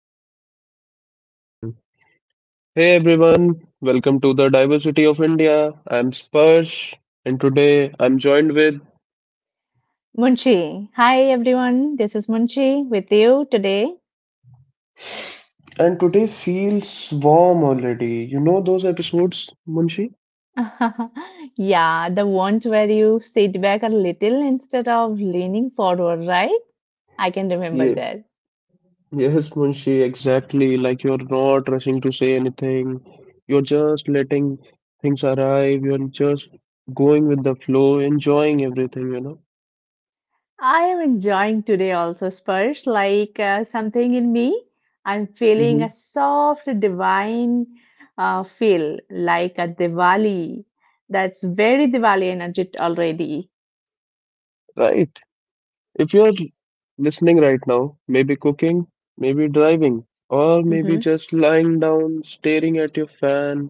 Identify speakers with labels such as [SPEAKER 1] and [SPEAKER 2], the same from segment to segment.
[SPEAKER 1] Okay, we are on. Hey everyone, welcome to the Diversity of India. I'm Sparsh, and today I'm joined with.
[SPEAKER 2] Munshi. Hi everyone, this is Munshi with you today.
[SPEAKER 1] And today feels warm already. You know those episodes, Munshi?
[SPEAKER 2] Yeah, the ones where you sit back a little instead of leaning forward, right? I can remember
[SPEAKER 1] Yeah,
[SPEAKER 2] that.
[SPEAKER 1] yes, Munshi, exactly. Like you're not rushing to say anything. You're just letting things arrive. You're just going with the flow, enjoying everything, you know?
[SPEAKER 2] I am enjoying today also, Spurs, like something in me. I'm feeling
[SPEAKER 1] Mm-hmm.
[SPEAKER 2] a soft, divine feel, like a Diwali. That's very Diwali energy already.
[SPEAKER 1] Right. If you're listening right now, maybe cooking, maybe driving, or maybe
[SPEAKER 2] Mm-hmm.
[SPEAKER 1] just lying down staring at your fan,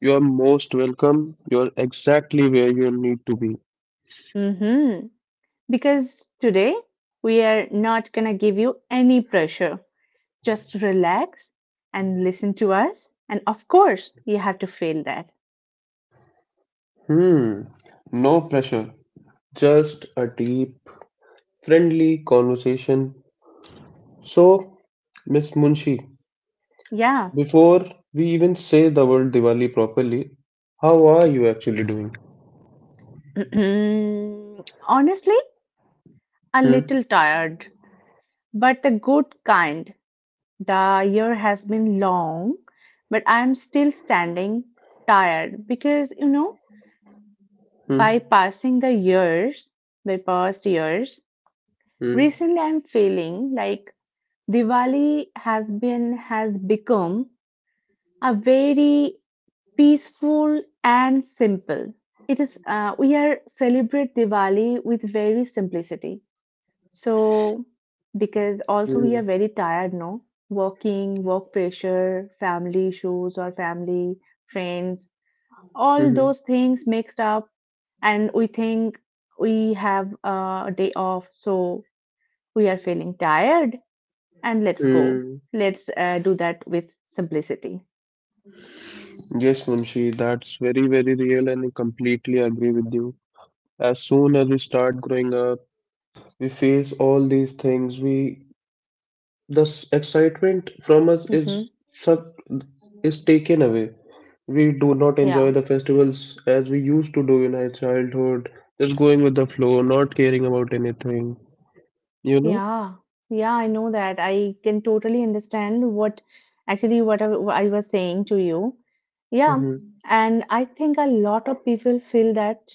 [SPEAKER 1] you're most welcome. You're exactly where you need to be.
[SPEAKER 2] Mm-hmm. Because today we are not going to give you any pressure. Just relax and listen to us. And of course, you have to feel that.
[SPEAKER 1] Hmm, no pressure, just a deep, friendly conversation. So, Miss Munshi,
[SPEAKER 2] Yeah.
[SPEAKER 1] before we even say the word Diwali properly, how are you actually doing?
[SPEAKER 2] Honestly, a
[SPEAKER 1] Hmm,
[SPEAKER 2] little tired, but the good kind. The year has been long, but I'm still standing tired because, you know,
[SPEAKER 1] hmm,
[SPEAKER 2] bypassing the years, bypassed years,
[SPEAKER 1] hmm,
[SPEAKER 2] recently I'm feeling like Diwali has become a very peaceful and simple. It is, we are celebrate Diwali with very simplicity. So because also we
[SPEAKER 1] hmm,
[SPEAKER 2] are very tired, no? Working, work pressure, family issues, or family friends, all
[SPEAKER 1] hmm,
[SPEAKER 2] those things mixed up, and we think we have, a day off, so we are feeling tired and let's go.
[SPEAKER 1] hmm.
[SPEAKER 2] Let's do that with simplicity.
[SPEAKER 1] Yes, Munshi, that's very, very real and I completely agree with you. As soon as we start growing up, we face all these things. We excitement from us is
[SPEAKER 2] Hmm.
[SPEAKER 1] such is taken away. We do not enjoy
[SPEAKER 2] Yeah.
[SPEAKER 1] the festivals as we used to do in our childhood, just going with the flow, not caring about anything, you know?
[SPEAKER 2] Yeah, yeah, I know that. I can totally understand what I was saying to you. Yeah,
[SPEAKER 1] Mm-hmm.
[SPEAKER 2] and I think a lot of people feel that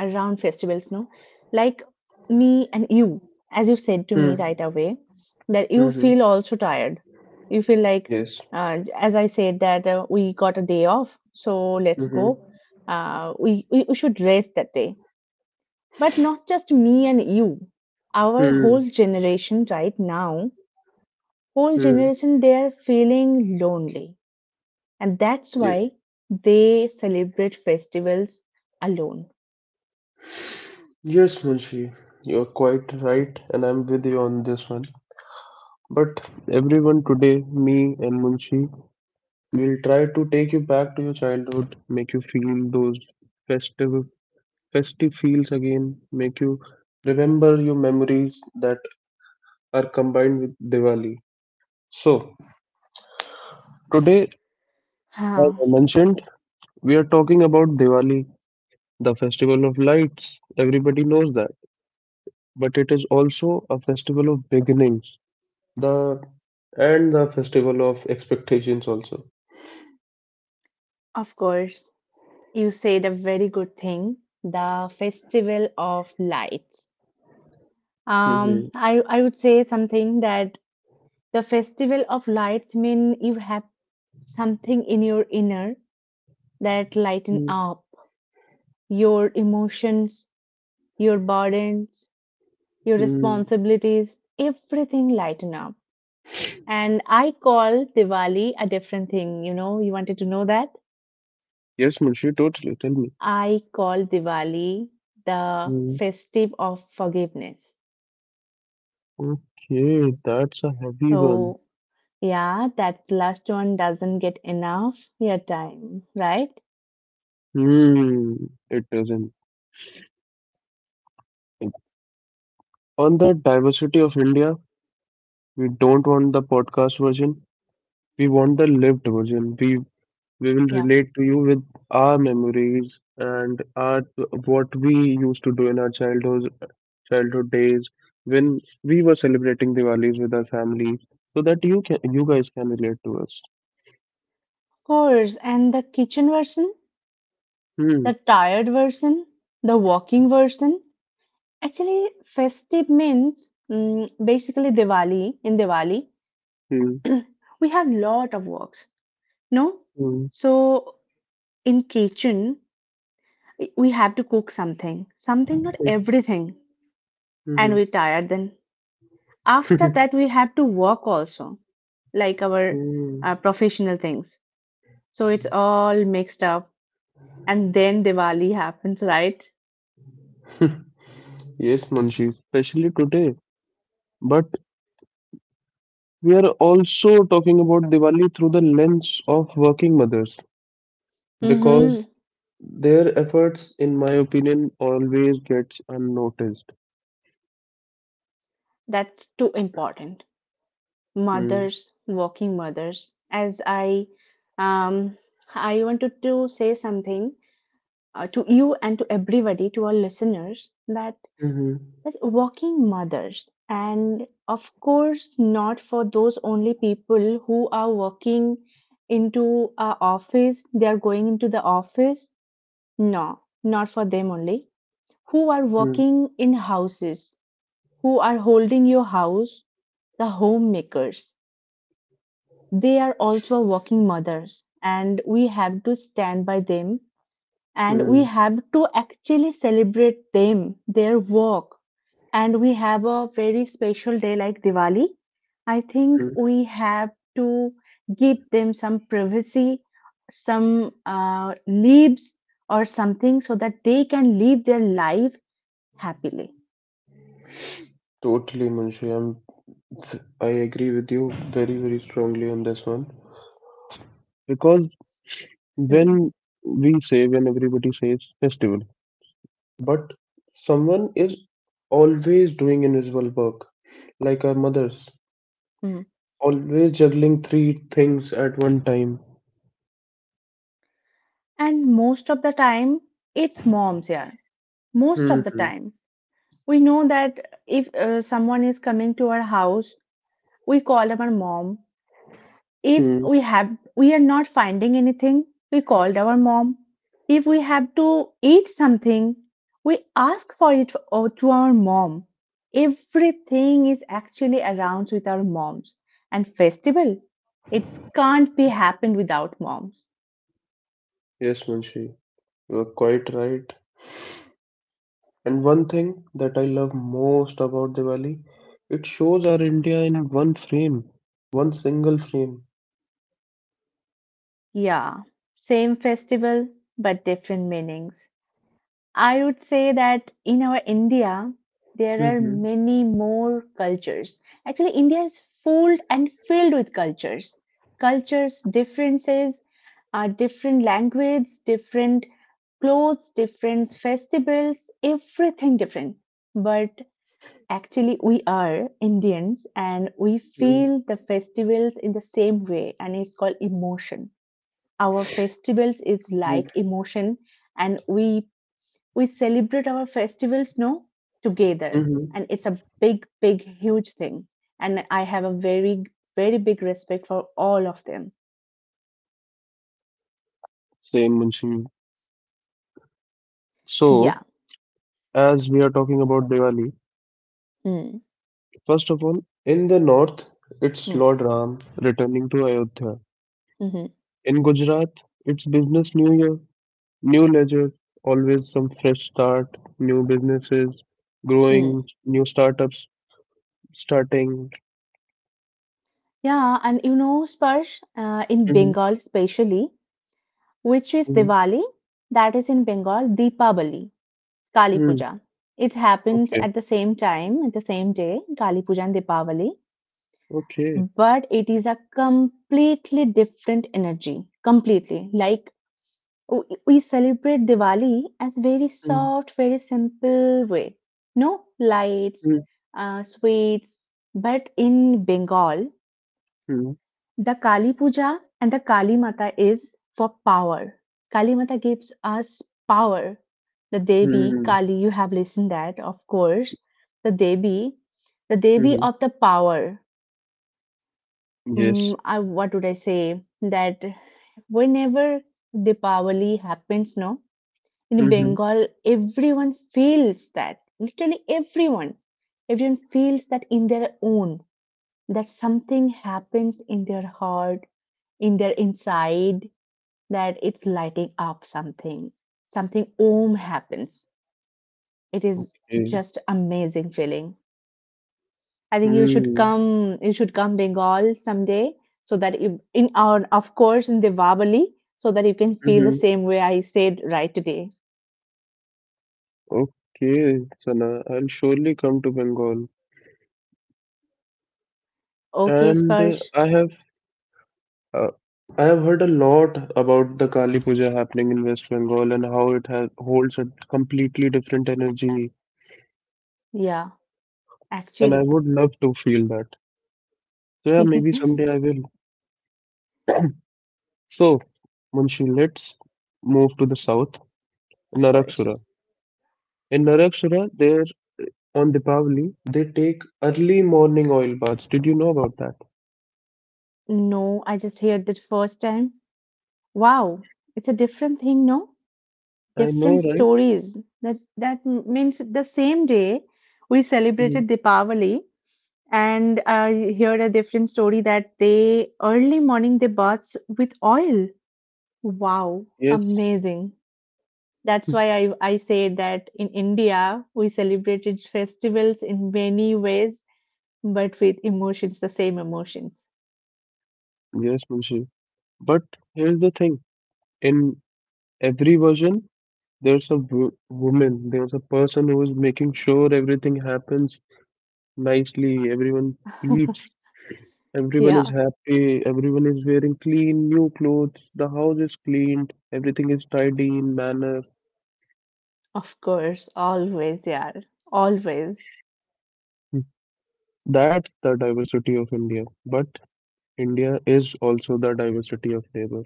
[SPEAKER 2] around festivals, no? Like me and you, as you said to me right away, that you
[SPEAKER 1] Mm-hmm.
[SPEAKER 2] feel also tired. You feel like,
[SPEAKER 1] Yes.
[SPEAKER 2] as I said, that we got a day off, so let's
[SPEAKER 1] Mm-hmm.
[SPEAKER 2] go. We should rest that day. But not just me and you. Our whole
[SPEAKER 1] Hmm.
[SPEAKER 2] generation right now, whole
[SPEAKER 1] Hmm.
[SPEAKER 2] generation, they are feeling lonely. And that's why they celebrate festivals alone.
[SPEAKER 1] Yes, Munshi, you're quite right, and I'm with you on this one. But everyone today, me and Munshi, will try to take you back to your childhood, make you feel those festive, festive feels again, make you remember your memories that are combined with Diwali. So, today, as
[SPEAKER 2] Huh,
[SPEAKER 1] I mentioned, we are talking about Diwali, the festival of lights. Everybody knows that, but it is also a festival of beginnings. The and the festival of expectations also.
[SPEAKER 2] of course, you said a very good thing. The Festival of Lights. Um,
[SPEAKER 1] Mm-hmm.
[SPEAKER 2] I, I would say something, that the Festival of Lights mean you have something in your inner that lighten up your emotions, your burdens, your
[SPEAKER 1] Mm-hmm.
[SPEAKER 2] responsibilities, everything lighten up. And I call Diwali a different thing. You know, you wanted to know that?
[SPEAKER 1] Yes, Munshi, totally. Tell me.
[SPEAKER 2] I call Diwali the
[SPEAKER 1] Mm.
[SPEAKER 2] festive of forgiveness.
[SPEAKER 1] Okay, that's a heavy one.
[SPEAKER 2] So, yeah, that last one doesn't get enough your time, right?
[SPEAKER 1] Hmm, it doesn't. On the diversity of India, we don't want the podcast version. We want the lived version. We will
[SPEAKER 2] Yeah, of
[SPEAKER 1] relate to you with our memories and our what we used to do in our childhood days when we were celebrating Diwalis with our families, so that you guys can relate to us.
[SPEAKER 2] course. And the kitchen version,
[SPEAKER 1] Hmm.
[SPEAKER 2] the tired version, the walking version. Actually, festive means, basically Diwali in Diwali.
[SPEAKER 1] Hmm.
[SPEAKER 2] We have lot of works, no?
[SPEAKER 1] Hmm.
[SPEAKER 2] So in kitchen we have to cook something something, not
[SPEAKER 1] Hmm,
[SPEAKER 2] everything, and we tired, then after
[SPEAKER 1] hmm.
[SPEAKER 2] that we have to work also, like our
[SPEAKER 1] Hmm.
[SPEAKER 2] professional things, so it's all mixed up, and then Diwali happens, right?
[SPEAKER 1] Yes, Manshi, especially today. But we are also talking about Diwali through the lens of working mothers because
[SPEAKER 2] Mm-hmm.
[SPEAKER 1] their efforts, in my opinion, always gets unnoticed.
[SPEAKER 2] That's too important.
[SPEAKER 1] Hmm.
[SPEAKER 2] Mothers, working mothers, as um I wanted to say something, to you and to everybody, to our listeners, that
[SPEAKER 1] Mm-hmm.
[SPEAKER 2] as working mothers, and of course not for those only people who are working into our office. They are going into the office. No, not for them only. Who are working in houses? Who are holding your house? The homemakers. They are also working mothers, and we have to stand by them, and we
[SPEAKER 1] Mm-hmm.
[SPEAKER 2] have to actually celebrate them, their work. And we have a very special day like Diwali. I think we have to give them some privacy, some leaves or something, so that they can live their life happily.
[SPEAKER 1] Totally, Manshi. I agree with you very, very strongly on this one because
[SPEAKER 2] Hmm,
[SPEAKER 1] when we say, when everybody says festival, but someone is always doing invisible work, like our mothers,
[SPEAKER 2] hmm.
[SPEAKER 1] always juggling three things at one time.
[SPEAKER 2] And most of the time, it's moms here. Most of the
[SPEAKER 1] Mm-hmm.
[SPEAKER 2] time, we know that if someone is coming to our house, we call our mom. If
[SPEAKER 1] Hmm.
[SPEAKER 2] we are not finding anything, we called our mom. If we have to eat something, we ask for it to our mom. Everything is actually around with our moms. And festival, it can't be happened without moms.
[SPEAKER 1] Yes, Munshi, you are quite right. And one thing that I love most about Diwali, it shows our India in one frame, one single frame.
[SPEAKER 2] Yeah, same festival but different meanings. I would say that in our India, there are
[SPEAKER 1] Mm-hmm.
[SPEAKER 2] many more cultures. Actually, India is full and filled with cultures. Cultures, differences, are different language, different clothes, different festivals, everything different. But actually, we are Indians and we feel the festivals in the same way, and it's called emotion. Our festivals is like emotion, and we celebrate our festivals, no, together,
[SPEAKER 1] Mm-hmm.
[SPEAKER 2] and it's a big big huge thing, and I have a very very big respect for all of them.
[SPEAKER 1] Same, Munshi. So,
[SPEAKER 2] Yeah.
[SPEAKER 1] as we are talking about Diwali,
[SPEAKER 2] Mm,
[SPEAKER 1] first of all, in the north, it's
[SPEAKER 2] mm,
[SPEAKER 1] Lord Ram returning to Ayodhya.
[SPEAKER 2] mhm,
[SPEAKER 1] In Gujarat, it's business new year, new ledger, always some fresh start, new businesses
[SPEAKER 2] mm.
[SPEAKER 1] growing, new startups starting.
[SPEAKER 2] Yeah, and you know, Sparsh, in
[SPEAKER 1] Hmm,
[SPEAKER 2] Bengal especially, which is
[SPEAKER 1] hmm,
[SPEAKER 2] Diwali, that is in Bengal, Deepavali, Kali
[SPEAKER 1] hmm.
[SPEAKER 2] Puja, it happens
[SPEAKER 1] Okay,
[SPEAKER 2] at the same time at the same day. Kali Puja and Dipavali.
[SPEAKER 1] okay.
[SPEAKER 2] But it is a completely different energy, completely, like, we celebrate Diwali as very
[SPEAKER 1] Hmm,
[SPEAKER 2] soft, very simple way. No lights,
[SPEAKER 1] hmm,
[SPEAKER 2] sweets, but in Bengal,
[SPEAKER 1] hmm,
[SPEAKER 2] the Kali Puja and the Kali Mata is for power. Kali Mata gives us power. The Devi
[SPEAKER 1] hmm,
[SPEAKER 2] Kali, you have listened that, of course. The Devi, the Devi
[SPEAKER 1] hmm.
[SPEAKER 2] of the power.
[SPEAKER 1] Yes.
[SPEAKER 2] Mm, I, what would I say? That whenever Deepavali happens, no, in
[SPEAKER 1] Hmm.
[SPEAKER 2] Bengal, everyone feels that. Literally everyone. Everyone feels that in their own, that something happens in their heart, in their inside, that it's lighting up something. Something om happens. It is
[SPEAKER 1] Okay.
[SPEAKER 2] just amazing feeling. I think you should
[SPEAKER 1] Hmm,
[SPEAKER 2] come, you should come Bengal someday, so that you in our, of course, in Diwali, so that you can feel the
[SPEAKER 1] hmm.
[SPEAKER 2] same way I said right today.
[SPEAKER 1] Okay, Sana, I'll surely come to Bengal.
[SPEAKER 2] Okay,
[SPEAKER 1] And
[SPEAKER 2] Sparsh.
[SPEAKER 1] uh, I have heard a lot about the Kali Puja happening in West Bengal and how it has holds a completely different energy.
[SPEAKER 2] Yeah,
[SPEAKER 1] And I
[SPEAKER 2] actually.
[SPEAKER 1] would love to feel that. So yeah, maybe someday I will. So, Munshi, let's move to the south,
[SPEAKER 2] Of course.
[SPEAKER 1] Narakshura. In Narakshura, there on Deepavali, they take early morning oil baths. Did you know about that?
[SPEAKER 2] No, I just heard it first time. Wow, it's a different thing, no?
[SPEAKER 1] I know,
[SPEAKER 2] Different
[SPEAKER 1] right?
[SPEAKER 2] stories. That means the same day we
[SPEAKER 1] Mhm.
[SPEAKER 2] celebrated Deepavali, and I heard a different story that they early morning they baths with oil. Wow,
[SPEAKER 1] Yes,
[SPEAKER 2] amazing. That's why I say that in India we celebrated festivals in many ways, but with emotions, the same emotions.
[SPEAKER 1] yes, Munshi. But here's the thing, in every version, there's a woman, there's a person who is making sure everything happens nicely, everyone eats, everyone is
[SPEAKER 2] Yeah.
[SPEAKER 1] happy, everyone is wearing clean, new clothes, the house is cleaned, everything is tidy in manner.
[SPEAKER 2] Of course, always, yeah, always.
[SPEAKER 1] Hmm. That's the diversity of India. But India is also the diversity of labor.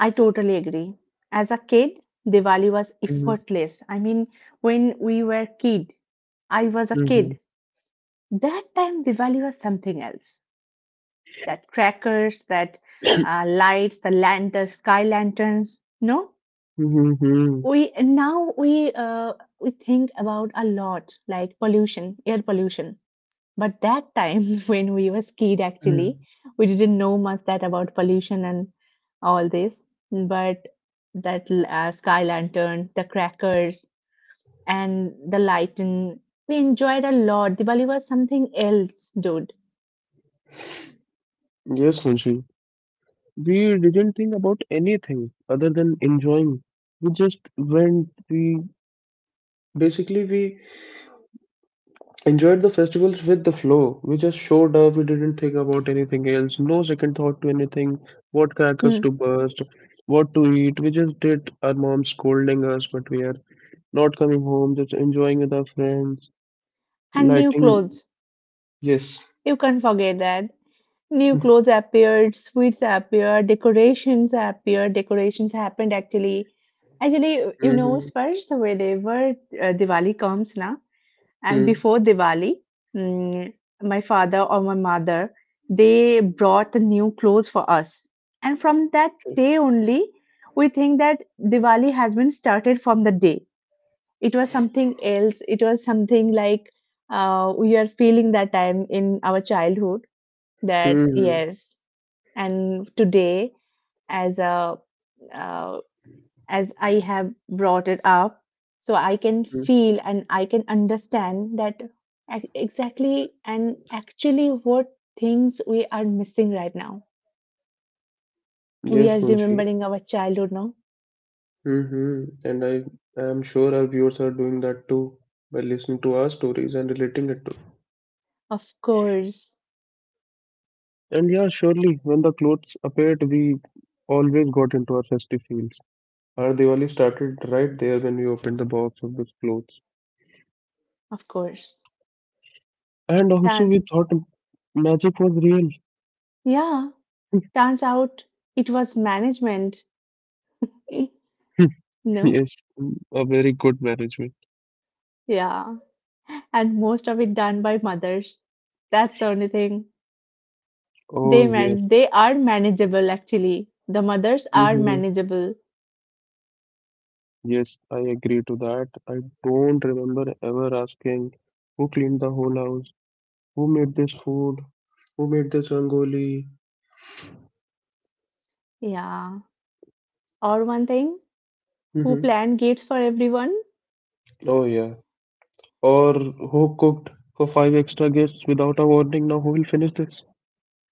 [SPEAKER 2] I totally agree. As a kid, Diwali was
[SPEAKER 1] Mm-hmm.
[SPEAKER 2] effortless. I mean, when we were kid, I was a
[SPEAKER 1] Mm-hmm.
[SPEAKER 2] kid. That time, Diwali was something else. That crackers, that lights, the lantern, sky lanterns. No,
[SPEAKER 1] Mm-hmm.
[SPEAKER 2] we now we think about a lot, like pollution, air pollution. But that time when we were skid actually,
[SPEAKER 1] Mm-hmm.
[SPEAKER 2] we didn't know much that about pollution and all this. But that sky lantern, the crackers, and the lighten, we enjoyed a lot. Diwali was something else, dude.
[SPEAKER 1] Yes, Munshi. We didn't think about anything other than enjoying. We just went, we basically we enjoyed the festivals with the flow. We just showed up, we didn't think about anything else, no second thought to anything, what crackers
[SPEAKER 2] Hmm.
[SPEAKER 1] to burst, what to eat. We just did our mom scolding us, but we are not coming home, just enjoying with our friends,
[SPEAKER 2] And new
[SPEAKER 1] lighting
[SPEAKER 2] clothes.
[SPEAKER 1] yes.
[SPEAKER 2] You can't forget that. New clothes appeared, sweets appeared, decorations happened actually. Actually, you know, Sparsh, so whenever Diwali comes, na, and
[SPEAKER 1] Mm-hmm.
[SPEAKER 2] before Diwali, mm, my father or my mother, they brought the new clothes for us. And from that
[SPEAKER 1] Okay.
[SPEAKER 2] day only, we think that Diwali has been started from the day. It was something else. It was something like, we are feeling that time in our childhood, that
[SPEAKER 1] Mm-hmm.
[SPEAKER 2] yes. And today, as a, uh, as I have brought it up. So I can
[SPEAKER 1] Mm-hmm.
[SPEAKER 2] feel and I can understand that exactly and actually what things we are missing right now. We
[SPEAKER 1] Yes,
[SPEAKER 2] are
[SPEAKER 1] Munshi.
[SPEAKER 2] remembering our childhood now.
[SPEAKER 1] Hmm. And I am sure our viewers are doing that too by listening to our stories and relating it to.
[SPEAKER 2] Of course,
[SPEAKER 1] And yeah, surely when the clothes appeared, we always got into our festive feels. Our Diwali started right there when we opened the box of those clothes.
[SPEAKER 2] of course.
[SPEAKER 1] And also,
[SPEAKER 2] Turn,
[SPEAKER 1] we thought magic was real.
[SPEAKER 2] yeah, turns out it was management. Eh, no,
[SPEAKER 1] Yes, mm, a very good management.
[SPEAKER 2] yeah, and most of it done by mothers. That's the only thing. They
[SPEAKER 1] Oh, yes.
[SPEAKER 2] man, they are manageable actually. The mothers are
[SPEAKER 1] Hmm.
[SPEAKER 2] manageable.
[SPEAKER 1] Yes, I agree to that. I don't remember ever asking who cleaned the whole house, who made this food, who made this rangoli?
[SPEAKER 2] Yeah. Or one thing, who
[SPEAKER 1] Hmm.
[SPEAKER 2] planned gates for everyone?
[SPEAKER 1] Oh yeah. Or who cooked for five extra guests without a warning? Now who will finish this?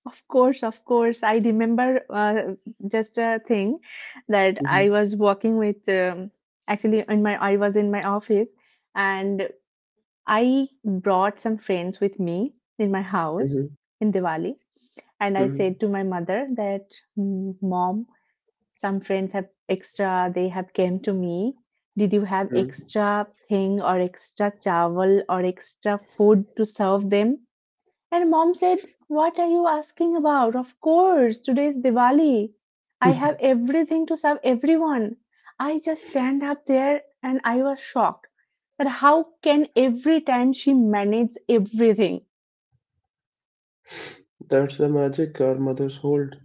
[SPEAKER 2] Of course, of course. I remember, just a thing that I
[SPEAKER 1] Hmm,
[SPEAKER 2] was walking with. Actually, in my, I was in my office, and I brought some friends with me in my house
[SPEAKER 1] hmm,
[SPEAKER 2] in Diwali, and I
[SPEAKER 1] hmm,
[SPEAKER 2] said to my mother that, "Mm, Mom, some friends have extra, they have came to me, did you have
[SPEAKER 1] hmm.
[SPEAKER 2] extra thing or extra chawal or extra food to serve them?" And mom said, "What are you asking about? Of course, today is Diwali. I have everything to serve everyone." I just stand up there and I was shocked, that how can every time she manage everything?
[SPEAKER 1] That's the magic our mothers hold.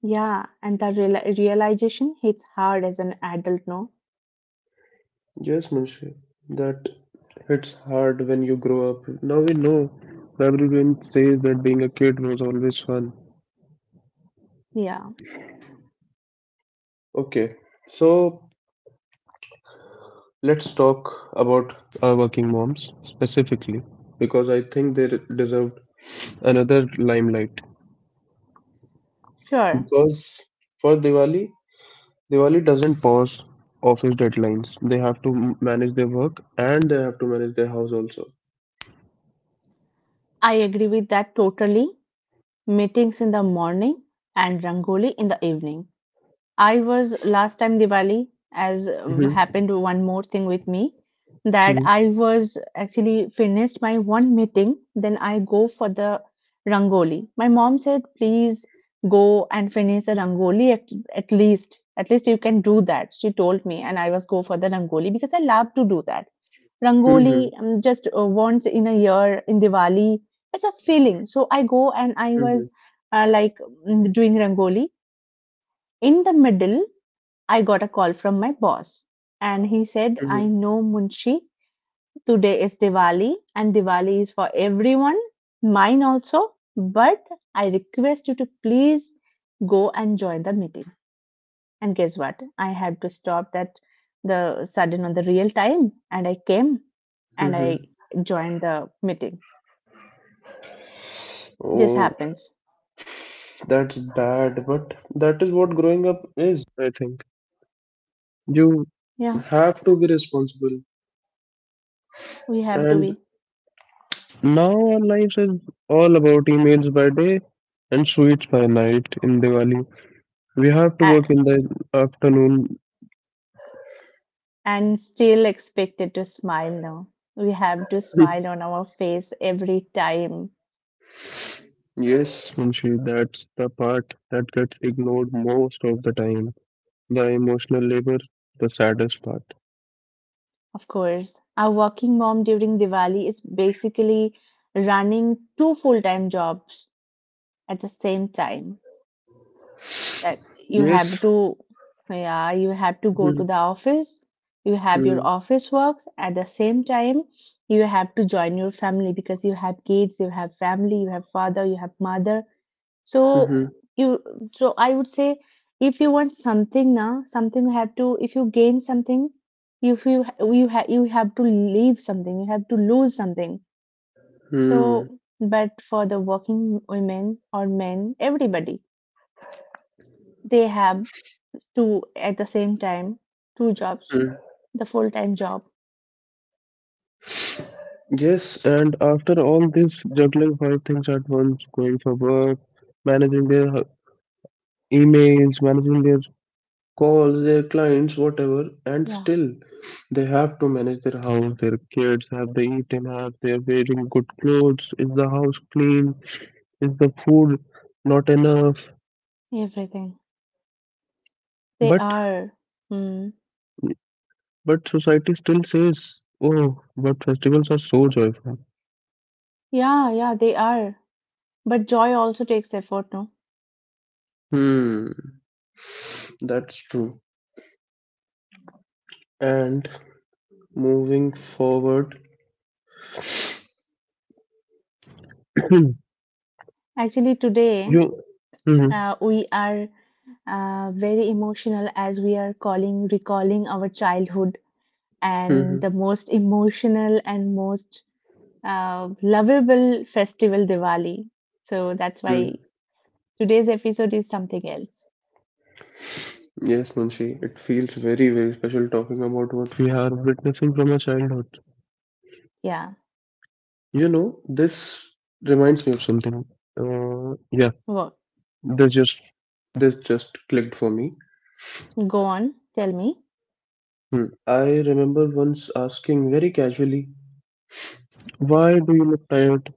[SPEAKER 2] Yeah, and that realization hits hard as an adult, no?
[SPEAKER 1] Yes, Munshi. That hits hard when you grow up. Now we know. Everyone says that being a kid was always fun.
[SPEAKER 2] Yeah,
[SPEAKER 1] Okay, so let's talk about our working moms specifically because I think they deserved another limelight.
[SPEAKER 2] sure.
[SPEAKER 1] Because for Diwali, Diwali doesn't pause office deadlines. They have to manage their work and they have to manage their house also.
[SPEAKER 2] I agree with that totally. Meetings in the morning and Rangoli in the evening. I was last time Diwali, as
[SPEAKER 1] Hmm,
[SPEAKER 2] happened one more thing with me, that
[SPEAKER 1] hmm,
[SPEAKER 2] I was actually finished my one meeting, then I go for the Rangoli. My mom said, please go and finish the Rangoli at least. At least you can do that. She told me, and I was go for the Rangoli because I love to do that.
[SPEAKER 1] hmm,
[SPEAKER 2] Rangoli, just once in a year in Diwali. It's a feeling. So I go and I
[SPEAKER 1] hmm,
[SPEAKER 2] was like, doing Rangoli. In the middle, I got a call from my boss, and he said, "I
[SPEAKER 1] hmm,
[SPEAKER 2] know, Munshi. Today is Diwali, and Diwali is for everyone, mine also. But I request you to please go and join the meeting." And guess what? I had to stop that, the sudden on the real time, and I came and I
[SPEAKER 1] hmm.
[SPEAKER 2] joined the meeting. This
[SPEAKER 1] Oh,
[SPEAKER 2] happens.
[SPEAKER 1] that's bad, but that is what growing up is, I think. You
[SPEAKER 2] Yeah,
[SPEAKER 1] have to be responsible.
[SPEAKER 2] we have to
[SPEAKER 1] And
[SPEAKER 2] be
[SPEAKER 1] now our lives is all about emails by day and sweets by night in Diwali. We have to work
[SPEAKER 2] a-
[SPEAKER 1] in the afternoon.
[SPEAKER 2] and still expected to smile now. We have to smile on our face every time.
[SPEAKER 1] Yes, Munshi, that's the part that gets ignored most of the time. The emotional labor, the saddest part.
[SPEAKER 2] Of course, our working mom during Diwali is basically running two full-time jobs at the same time. That you have
[SPEAKER 1] Yes.
[SPEAKER 2] to yeah You have to go to
[SPEAKER 1] Mhm,
[SPEAKER 2] the office, you have your
[SPEAKER 1] mhm,
[SPEAKER 2] office works at the same time, you have to join your family because you have kids, you have family, you have father, you have mother. so
[SPEAKER 1] mhm,
[SPEAKER 2] you so I would say, if you want something, now something you have to if you gain something, if you you have to leave something, you have to lose something.
[SPEAKER 1] mhm,
[SPEAKER 2] So, but for the working women or men, everybody, they have two at the same time, two jobs,
[SPEAKER 1] mhm.
[SPEAKER 2] the full-time job.
[SPEAKER 1] Yes, and after all this, juggling five things at once, going for work, managing their emails, managing their calls their clients whatever and
[SPEAKER 2] Yeah,
[SPEAKER 1] still they have to manage their house their kids have they eaten have they wearing good clothes is the house clean is the food not enough
[SPEAKER 2] everything. They
[SPEAKER 1] but
[SPEAKER 2] are. Hmm.
[SPEAKER 1] but society still says, oh but festivals are so joyful.
[SPEAKER 2] Yeah, yeah, they are. But joy also takes effort, no?
[SPEAKER 1] Hmm, that's true. And moving forward
[SPEAKER 2] Actually, today
[SPEAKER 1] you Mhm,
[SPEAKER 2] we are very emotional as we are calling recalling our childhood and
[SPEAKER 1] mhm,
[SPEAKER 2] the most emotional and most lovable festival, Diwali. So that's why
[SPEAKER 1] mhm.
[SPEAKER 2] today's episode is something else.
[SPEAKER 1] Yes, Munshi, it feels very, very special talking about what we are witnessing from our childhood.
[SPEAKER 2] Yeah.
[SPEAKER 1] You know, this reminds me of something. Yeah,
[SPEAKER 2] Well,
[SPEAKER 1] this just this just clicked for me.
[SPEAKER 2] go on. Tell me.
[SPEAKER 1] Hmm. I remember once asking very casually, "Why do you look tired?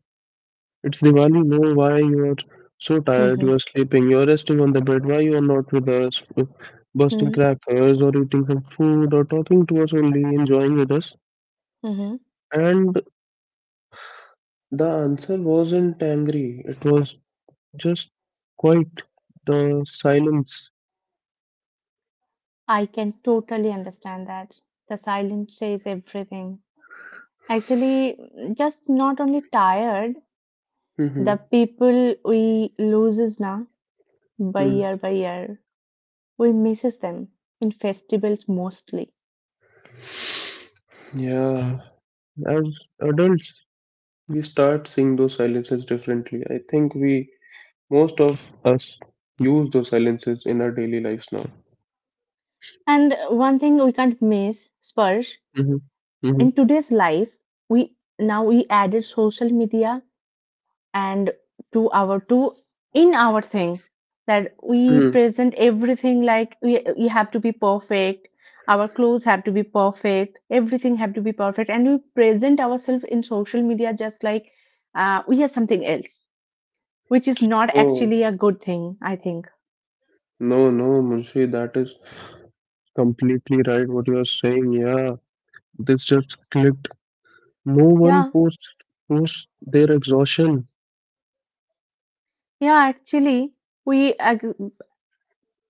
[SPEAKER 1] It's Diwali. No, why you are so tired?
[SPEAKER 2] Mhm,
[SPEAKER 1] You are sleeping. You are resting on the bed. Why you are not with us, bursting
[SPEAKER 2] mhm,
[SPEAKER 1] crackers or eating some food or talking to us only, enjoying with us?"
[SPEAKER 2] mhm.
[SPEAKER 1] And the answer wasn't angry, it was just quite the silence.
[SPEAKER 2] I can totally understand that. The silence says everything. Actually, just not only tired, the
[SPEAKER 1] Mhm,
[SPEAKER 2] people we loses now by year, we misses them in festivals mostly.
[SPEAKER 1] mm. Yeah, as adults, we start seeing those silences differently. I think we, most of us, use those silences in our daily lives now.
[SPEAKER 2] And one thing we can't miss, Sparsh,
[SPEAKER 1] Hmm, hmm.
[SPEAKER 2] in today's life, we now we added social media, and to our to in our thing, that we
[SPEAKER 1] Hmm.
[SPEAKER 2] present everything like we have to be perfect, our clothes have to be perfect, everything have to be perfect, and we present ourselves in social media just like we are something else, which is not
[SPEAKER 1] Oh,
[SPEAKER 2] actually a good thing, I think.
[SPEAKER 1] no, no, Munshi, that is completely right what you are saying. Yeah, this just clicked. No one
[SPEAKER 2] Yeah,
[SPEAKER 1] posts their exhaustion.
[SPEAKER 2] yeah, actually we ag-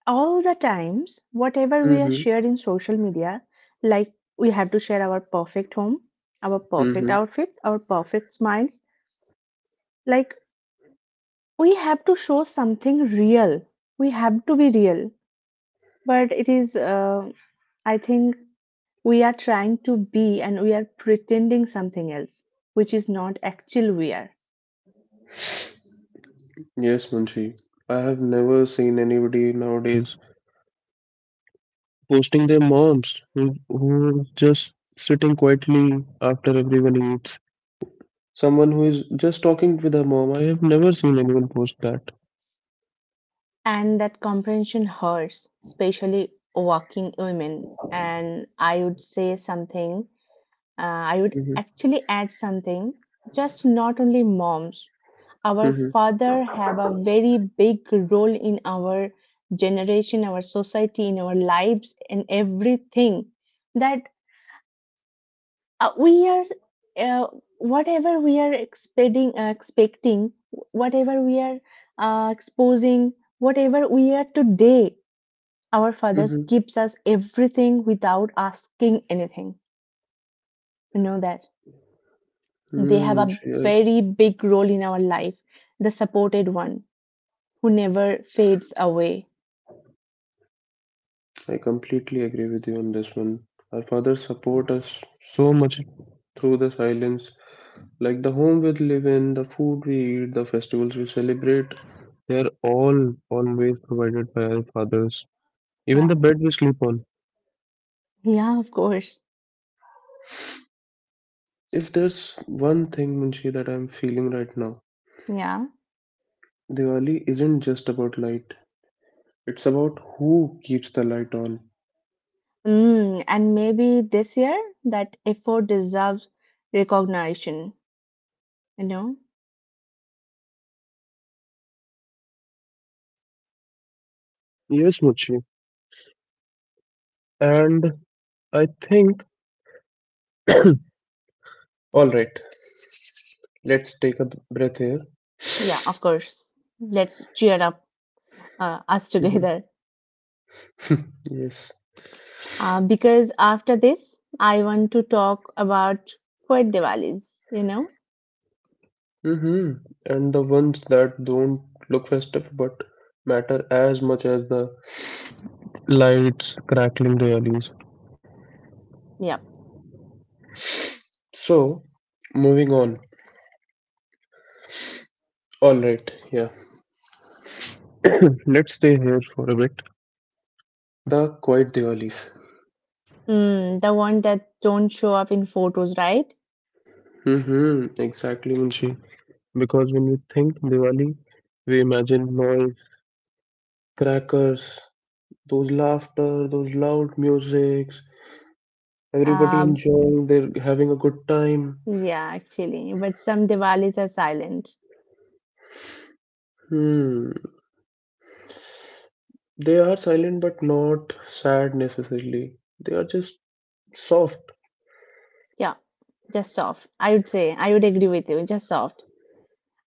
[SPEAKER 2] all the times whatever we are shared in social media, like we have to share our perfect home, our perfect
[SPEAKER 1] Hmm.
[SPEAKER 2] outfits, our perfect smiles, like we have to show something real, we have to be real, but it is, I think, we are trying to be and we are pretending something else, which is not actual we are.
[SPEAKER 1] Yes, Munshi. I have never seen anybody nowadays posting their moms who is just sitting quietly after everyone eats. Someone who is just talking with her mom. I have never seen anyone post that.
[SPEAKER 2] And that comprehension hurts, especially working women. And I would say something, I would
[SPEAKER 1] Mm-hmm.
[SPEAKER 2] actually add something. Just not only moms, our
[SPEAKER 1] Mm-hmm.
[SPEAKER 2] father have a very big role in our generation, our society, in our lives, and everything. That we are uh, Whatever we are expecting, whatever we are, exposing, whatever we are today, our fathers
[SPEAKER 1] Mm-hmm.
[SPEAKER 2] gives us everything without asking anything. You know that they
[SPEAKER 1] Mm,
[SPEAKER 2] have a
[SPEAKER 1] Munshi,
[SPEAKER 2] very big role in our life, the supported one, who never fades away.
[SPEAKER 1] I completely agree with you on this one. Our fathers support us so much through the silence. Like the home we live in, the food we eat, the festivals we celebrate, they are all always provided by our fathers. Even
[SPEAKER 2] Yeah.
[SPEAKER 1] the bed we sleep on.
[SPEAKER 2] Yeah, of course.
[SPEAKER 1] If there's one thing, Munshi, that I'm feeling right now,
[SPEAKER 2] Yeah.
[SPEAKER 1] Diwali isn't just about light. It's about who keeps the light on.
[SPEAKER 2] Mm, and maybe this year that effort deserves recognition, you know?
[SPEAKER 1] Yes, Munshi. And I think, all right, let's take a breath here.
[SPEAKER 2] Yeah, of course. Let's cheer up us
[SPEAKER 1] Mhm.
[SPEAKER 2] together.
[SPEAKER 1] yes.
[SPEAKER 2] Because after this, I want to talk about quiet Diwalis, you know?
[SPEAKER 1] Hmm. And the ones that don't look festive but matter as much as the lights crackling the alleys.
[SPEAKER 2] Yep.
[SPEAKER 1] So, moving on. Alright, yeah. Let's stay here for a bit. The quiet Diwali.
[SPEAKER 2] Mm, the one that don't show up in photos, right?
[SPEAKER 1] Hmm. Exactly, Munshi. Because when we think Diwali, we imagine noise, crackers, those laughter, those loud musics, everybody
[SPEAKER 2] Um,
[SPEAKER 1] enjoying, they're having a good time.
[SPEAKER 2] yeah, actually. But some Diwalis are silent.
[SPEAKER 1] Hmm. They are silent but not sad necessarily. They are just soft.
[SPEAKER 2] Yeah, just soft. I would say, I would agree with you, just soft.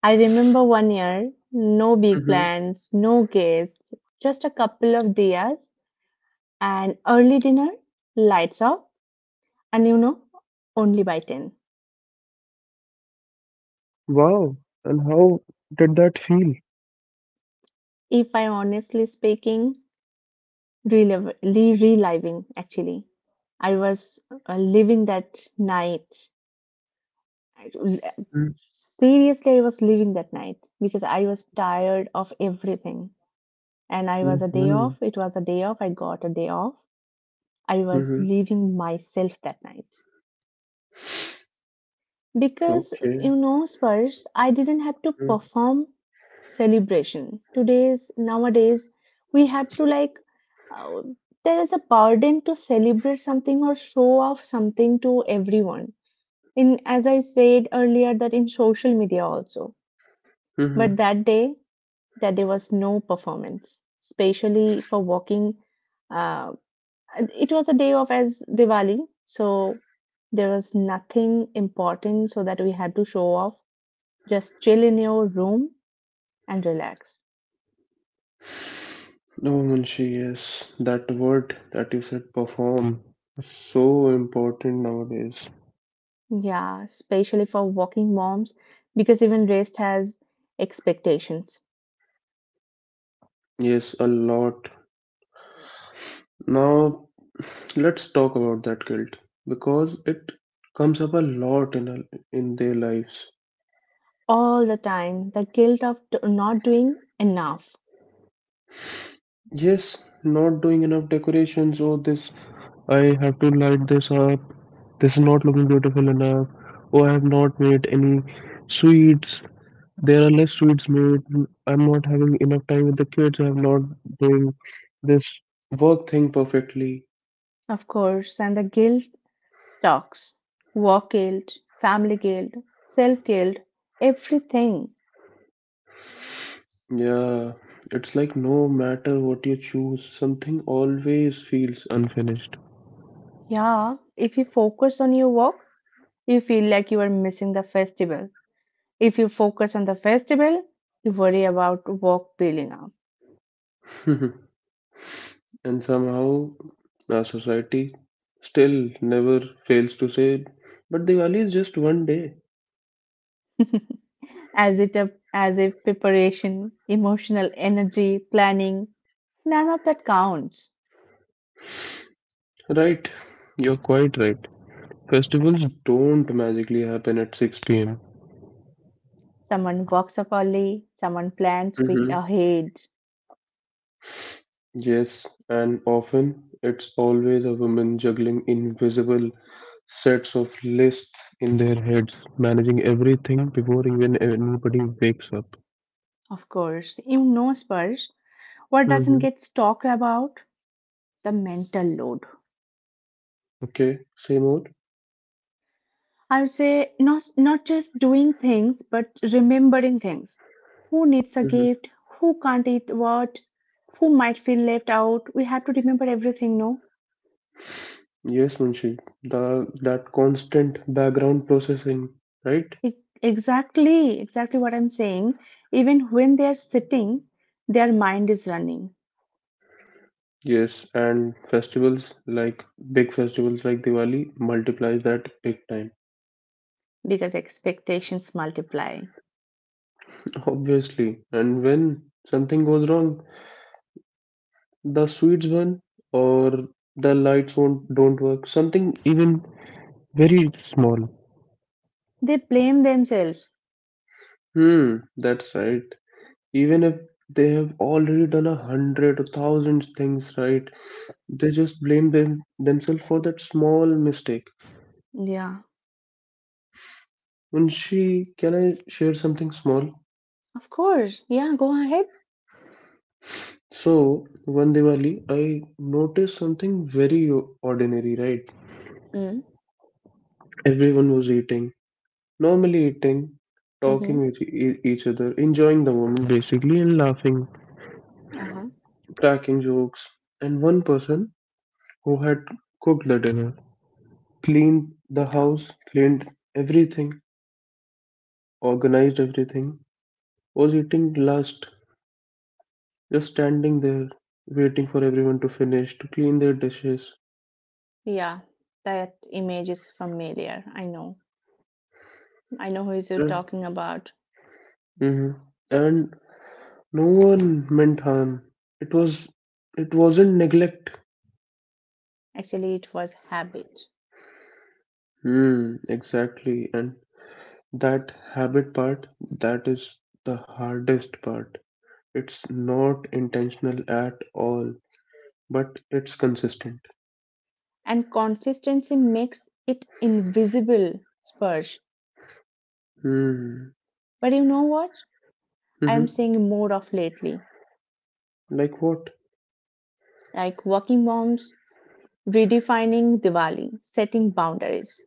[SPEAKER 2] I remember one year, no big
[SPEAKER 1] Hmm.
[SPEAKER 2] plans, no guests, just a couple of diyas, an early dinner, lights off, and you know, only by 10.
[SPEAKER 1] Wow. And how did that feel?
[SPEAKER 2] If I honestly speaking, relive, reliving actually. I was living that night. I- Seriously, I was living that night because I was tired of everything. And I was a day
[SPEAKER 1] Mm-hmm.
[SPEAKER 2] off. It was a day off. I got a day off. I was
[SPEAKER 1] Mm-hmm.
[SPEAKER 2] leaving myself that night. Because,
[SPEAKER 1] Okay.
[SPEAKER 2] you know, Spurs, I didn't have to perform celebration. Nowadays, we have to like, uh, there is a burden to celebrate something or show off something to everyone. In, as I said earlier, that in social media also. But
[SPEAKER 1] Mm-hmm.
[SPEAKER 2] that day, that there was no performance, especially for walking. Uh, it was a day of as Diwali, so there was nothing important so that we had to show off, just chill in your room and relax.
[SPEAKER 1] Oh, Munshi, yes, that word that you said, perform, is so important nowadays.
[SPEAKER 2] Yeah, especially for working moms, because even rest has expectations.
[SPEAKER 1] Yes, a lot. Now, let's talk about that guilt because it comes up a lot in their lives.
[SPEAKER 2] All the time. The guilt of not doing enough,
[SPEAKER 1] Yes, not doing enough decorations. Oh, this, I have to light this up. This is not looking beautiful enough. Oh, I have not made any sweets. There are less sweets made. I'm not having enough time with the kids. I'm not doing this work thing perfectly.
[SPEAKER 2] of course, and the guilt stocks, work guilt, family guilt, self guilt, everything.
[SPEAKER 1] Yeah, it's like no matter what you choose, something always feels unfinished.
[SPEAKER 2] Yeah, if you focus on your work, you feel like you are missing the festival. If you focus on the festival, you worry about work building up.
[SPEAKER 1] And somehow our society still never fails to say, but Diwali is just one day.
[SPEAKER 2] As it a, as a preparation, emotional energy, planning, none of that counts.
[SPEAKER 1] Right, you're quite right. Festivals don't magically happen at 6 pm.
[SPEAKER 2] Someone walks up early, someone plans week
[SPEAKER 1] Hmm.
[SPEAKER 2] ahead.
[SPEAKER 1] Yes, and often it's always a woman juggling invisible sets of lists in their heads, managing everything before even anybody wakes up.
[SPEAKER 2] Of course, you know, Spurs, what doesn't
[SPEAKER 1] Hmm.
[SPEAKER 2] get talked about? The mental load.
[SPEAKER 1] Okay, say more.
[SPEAKER 2] I would say not just doing things, but remembering things. Who needs a gift? Who can't eat what? Who might feel left out? We have to remember everything, no?
[SPEAKER 1] Yes, Munshi, the that constant background processing, right?
[SPEAKER 2] E- Exactly, exactly what I'm saying. Even when they are sitting, their mind is running
[SPEAKER 1] Yes, and festivals like big festivals like Diwali multiplies that big time.
[SPEAKER 2] because expectations multiply.
[SPEAKER 1] Obviously, and when something goes wrong, the sweets burn or the lights won't don't work. Something even very small.
[SPEAKER 2] They blame themselves.
[SPEAKER 1] Hmm, that's right. Even if they have already done a hundred or thousands things right, they just blame themselves for that small mistake.
[SPEAKER 2] Yeah,
[SPEAKER 1] Munshi, can I share something small?
[SPEAKER 2] of course. Yeah, go ahead.
[SPEAKER 1] So, one Diwali, I noticed something very ordinary, right?
[SPEAKER 2] Mm,
[SPEAKER 1] Everyone was eating, normally eating,
[SPEAKER 2] mm-hmm.
[SPEAKER 1] talking with each other, enjoying the moment basically, and laughing,
[SPEAKER 2] Uh-huh.
[SPEAKER 1] cracking jokes. And one person who had cooked the dinner, cleaned the
[SPEAKER 2] Yeah,
[SPEAKER 1] house, cleaned everything, organized everything, was eating last, just standing there, waiting for everyone to finish, to clean their dishes.
[SPEAKER 2] yeah. That image is familiar. I know. I know who is you talking about.
[SPEAKER 1] Hmm. And no one meant harm. It was it wasn't neglect.
[SPEAKER 2] Actually, it was habit.
[SPEAKER 1] Hmm, exactly. And that habit part, that is the hardest part. It's not intentional at all, but it's consistent.
[SPEAKER 2] And consistency makes it invisible, Spurge.
[SPEAKER 1] Hmm.
[SPEAKER 2] But you know what? I am
[SPEAKER 1] Mm-hmm.
[SPEAKER 2] seeing more of lately,
[SPEAKER 1] Like what?
[SPEAKER 2] like working moms redefining Diwali, setting boundaries,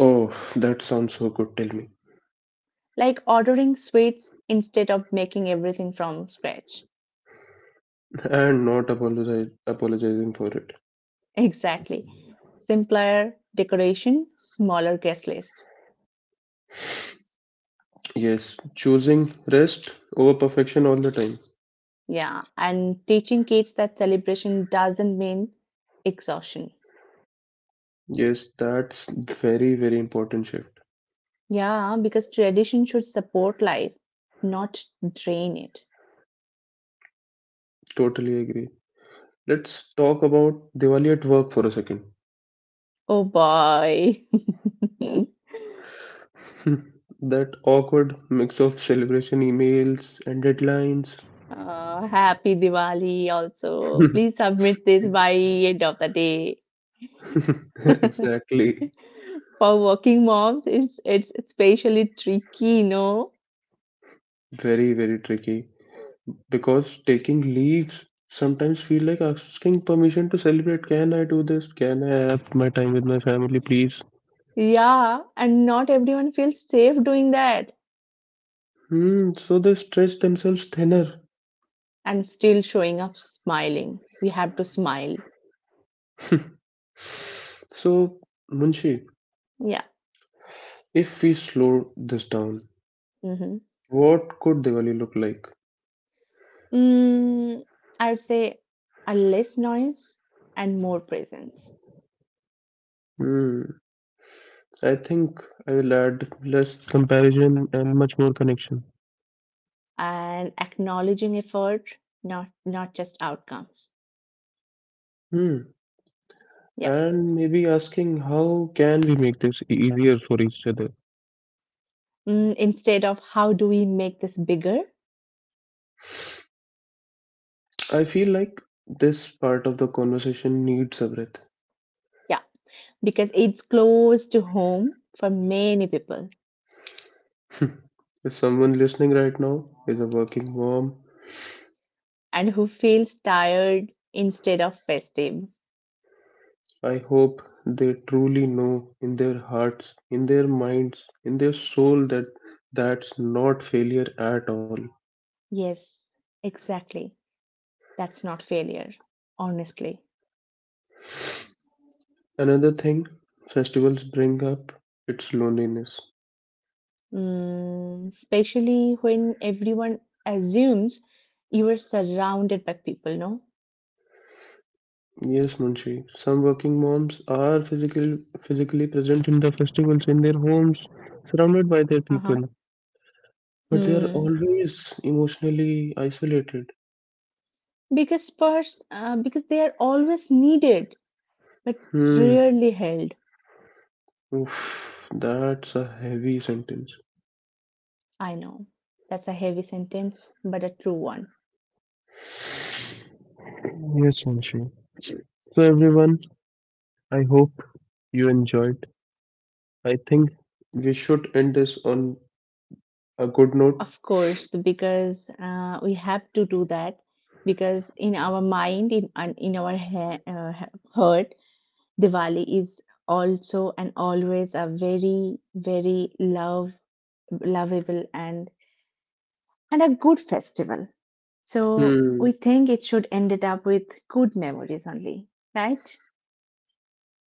[SPEAKER 1] Oh, that sounds so good, tell me.
[SPEAKER 2] like ordering sweets instead of making everything from scratch.
[SPEAKER 1] And not apologize apologizing for it.
[SPEAKER 2] Exactly. Simpler decoration, smaller guest list.
[SPEAKER 1] Yes, choosing rest over perfection all the time.
[SPEAKER 2] Yeah, and teaching kids that celebration doesn't mean exhaustion.
[SPEAKER 1] Yes, that's very, very important shift.
[SPEAKER 2] Yeah, because tradition should support life, not drain it.
[SPEAKER 1] Totally agree. Let's talk about Diwali at work for a second.
[SPEAKER 2] Oh boy.
[SPEAKER 1] that awkward mix of celebration emails and deadlines.
[SPEAKER 2] Happy Diwali also. Please submit this by end of the day.
[SPEAKER 1] exactly.
[SPEAKER 2] For working moms, it's especially tricky, no?
[SPEAKER 1] Very, very tricky. Because taking leaves sometimes feel like asking permission to celebrate. Can I do this? Can I have my time with my family, please?
[SPEAKER 2] Yeah, and not everyone feels safe doing that
[SPEAKER 1] Hmm, so they stretch themselves thinner.
[SPEAKER 2] and still showing up smiling. We have to smile.
[SPEAKER 1] so, Munshi,
[SPEAKER 2] Yeah.
[SPEAKER 1] if we slow this down,
[SPEAKER 2] Hmm.
[SPEAKER 1] what could Diwali look like?
[SPEAKER 2] Mm, I would say a less noise and more presence,
[SPEAKER 1] Hmm. I think I will add less comparison and much more connection.
[SPEAKER 2] and acknowledging effort, not just outcomes.
[SPEAKER 1] Hmm.
[SPEAKER 2] Yeah.
[SPEAKER 1] And maybe asking how can we make this easier for each other?
[SPEAKER 2] Mm, instead of how do we make this bigger?
[SPEAKER 1] I feel like this part of the conversation needs a breath.
[SPEAKER 2] Yeah, because it's close to home for many people,
[SPEAKER 1] if someone listening right now is a working mom,
[SPEAKER 2] and who feels tired instead of festive.
[SPEAKER 1] I hope they truly know in their hearts, in their minds, in their soul that that's not failure at all.
[SPEAKER 2] Yes, exactly. That's not failure, honestly.
[SPEAKER 1] Another thing festivals bring up it's loneliness.
[SPEAKER 2] Mm, especially when everyone assumes you are surrounded by people, no?
[SPEAKER 1] Yes, Munshi. Some working moms are physically present in the festivals in their homes, surrounded by their
[SPEAKER 2] Uh-huh.
[SPEAKER 1] people, but they are
[SPEAKER 2] Mm.
[SPEAKER 1] always emotionally isolated.
[SPEAKER 2] Because because they are always needed but
[SPEAKER 1] Hmm.
[SPEAKER 2] rarely held.
[SPEAKER 1] Oof, that's a heavy sentence.
[SPEAKER 2] I know that's a heavy sentence, but a true one.
[SPEAKER 1] Yes, Munshi. So, everyone, I hope you enjoyed. I think we should end this on a good note.
[SPEAKER 2] Of course, because we have to do that because in our mind, in and in our heart, Diwali is also and always a very, very love, lovable and a good festival. So
[SPEAKER 1] Hmm.
[SPEAKER 2] we think it should end it up with good memories only, right?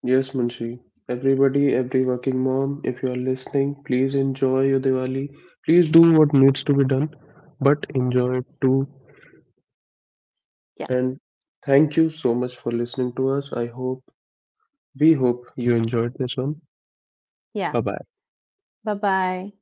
[SPEAKER 1] Yes, Munshi. Everybody, every working mom, if you are listening, please enjoy your Diwali. Please do what needs to be done, but enjoy it too.
[SPEAKER 2] Yeah,
[SPEAKER 1] And thank you so much for listening to us. I hope, we hope you enjoyed this one.
[SPEAKER 2] yeah.
[SPEAKER 1] Bye bye.
[SPEAKER 2] Bye bye.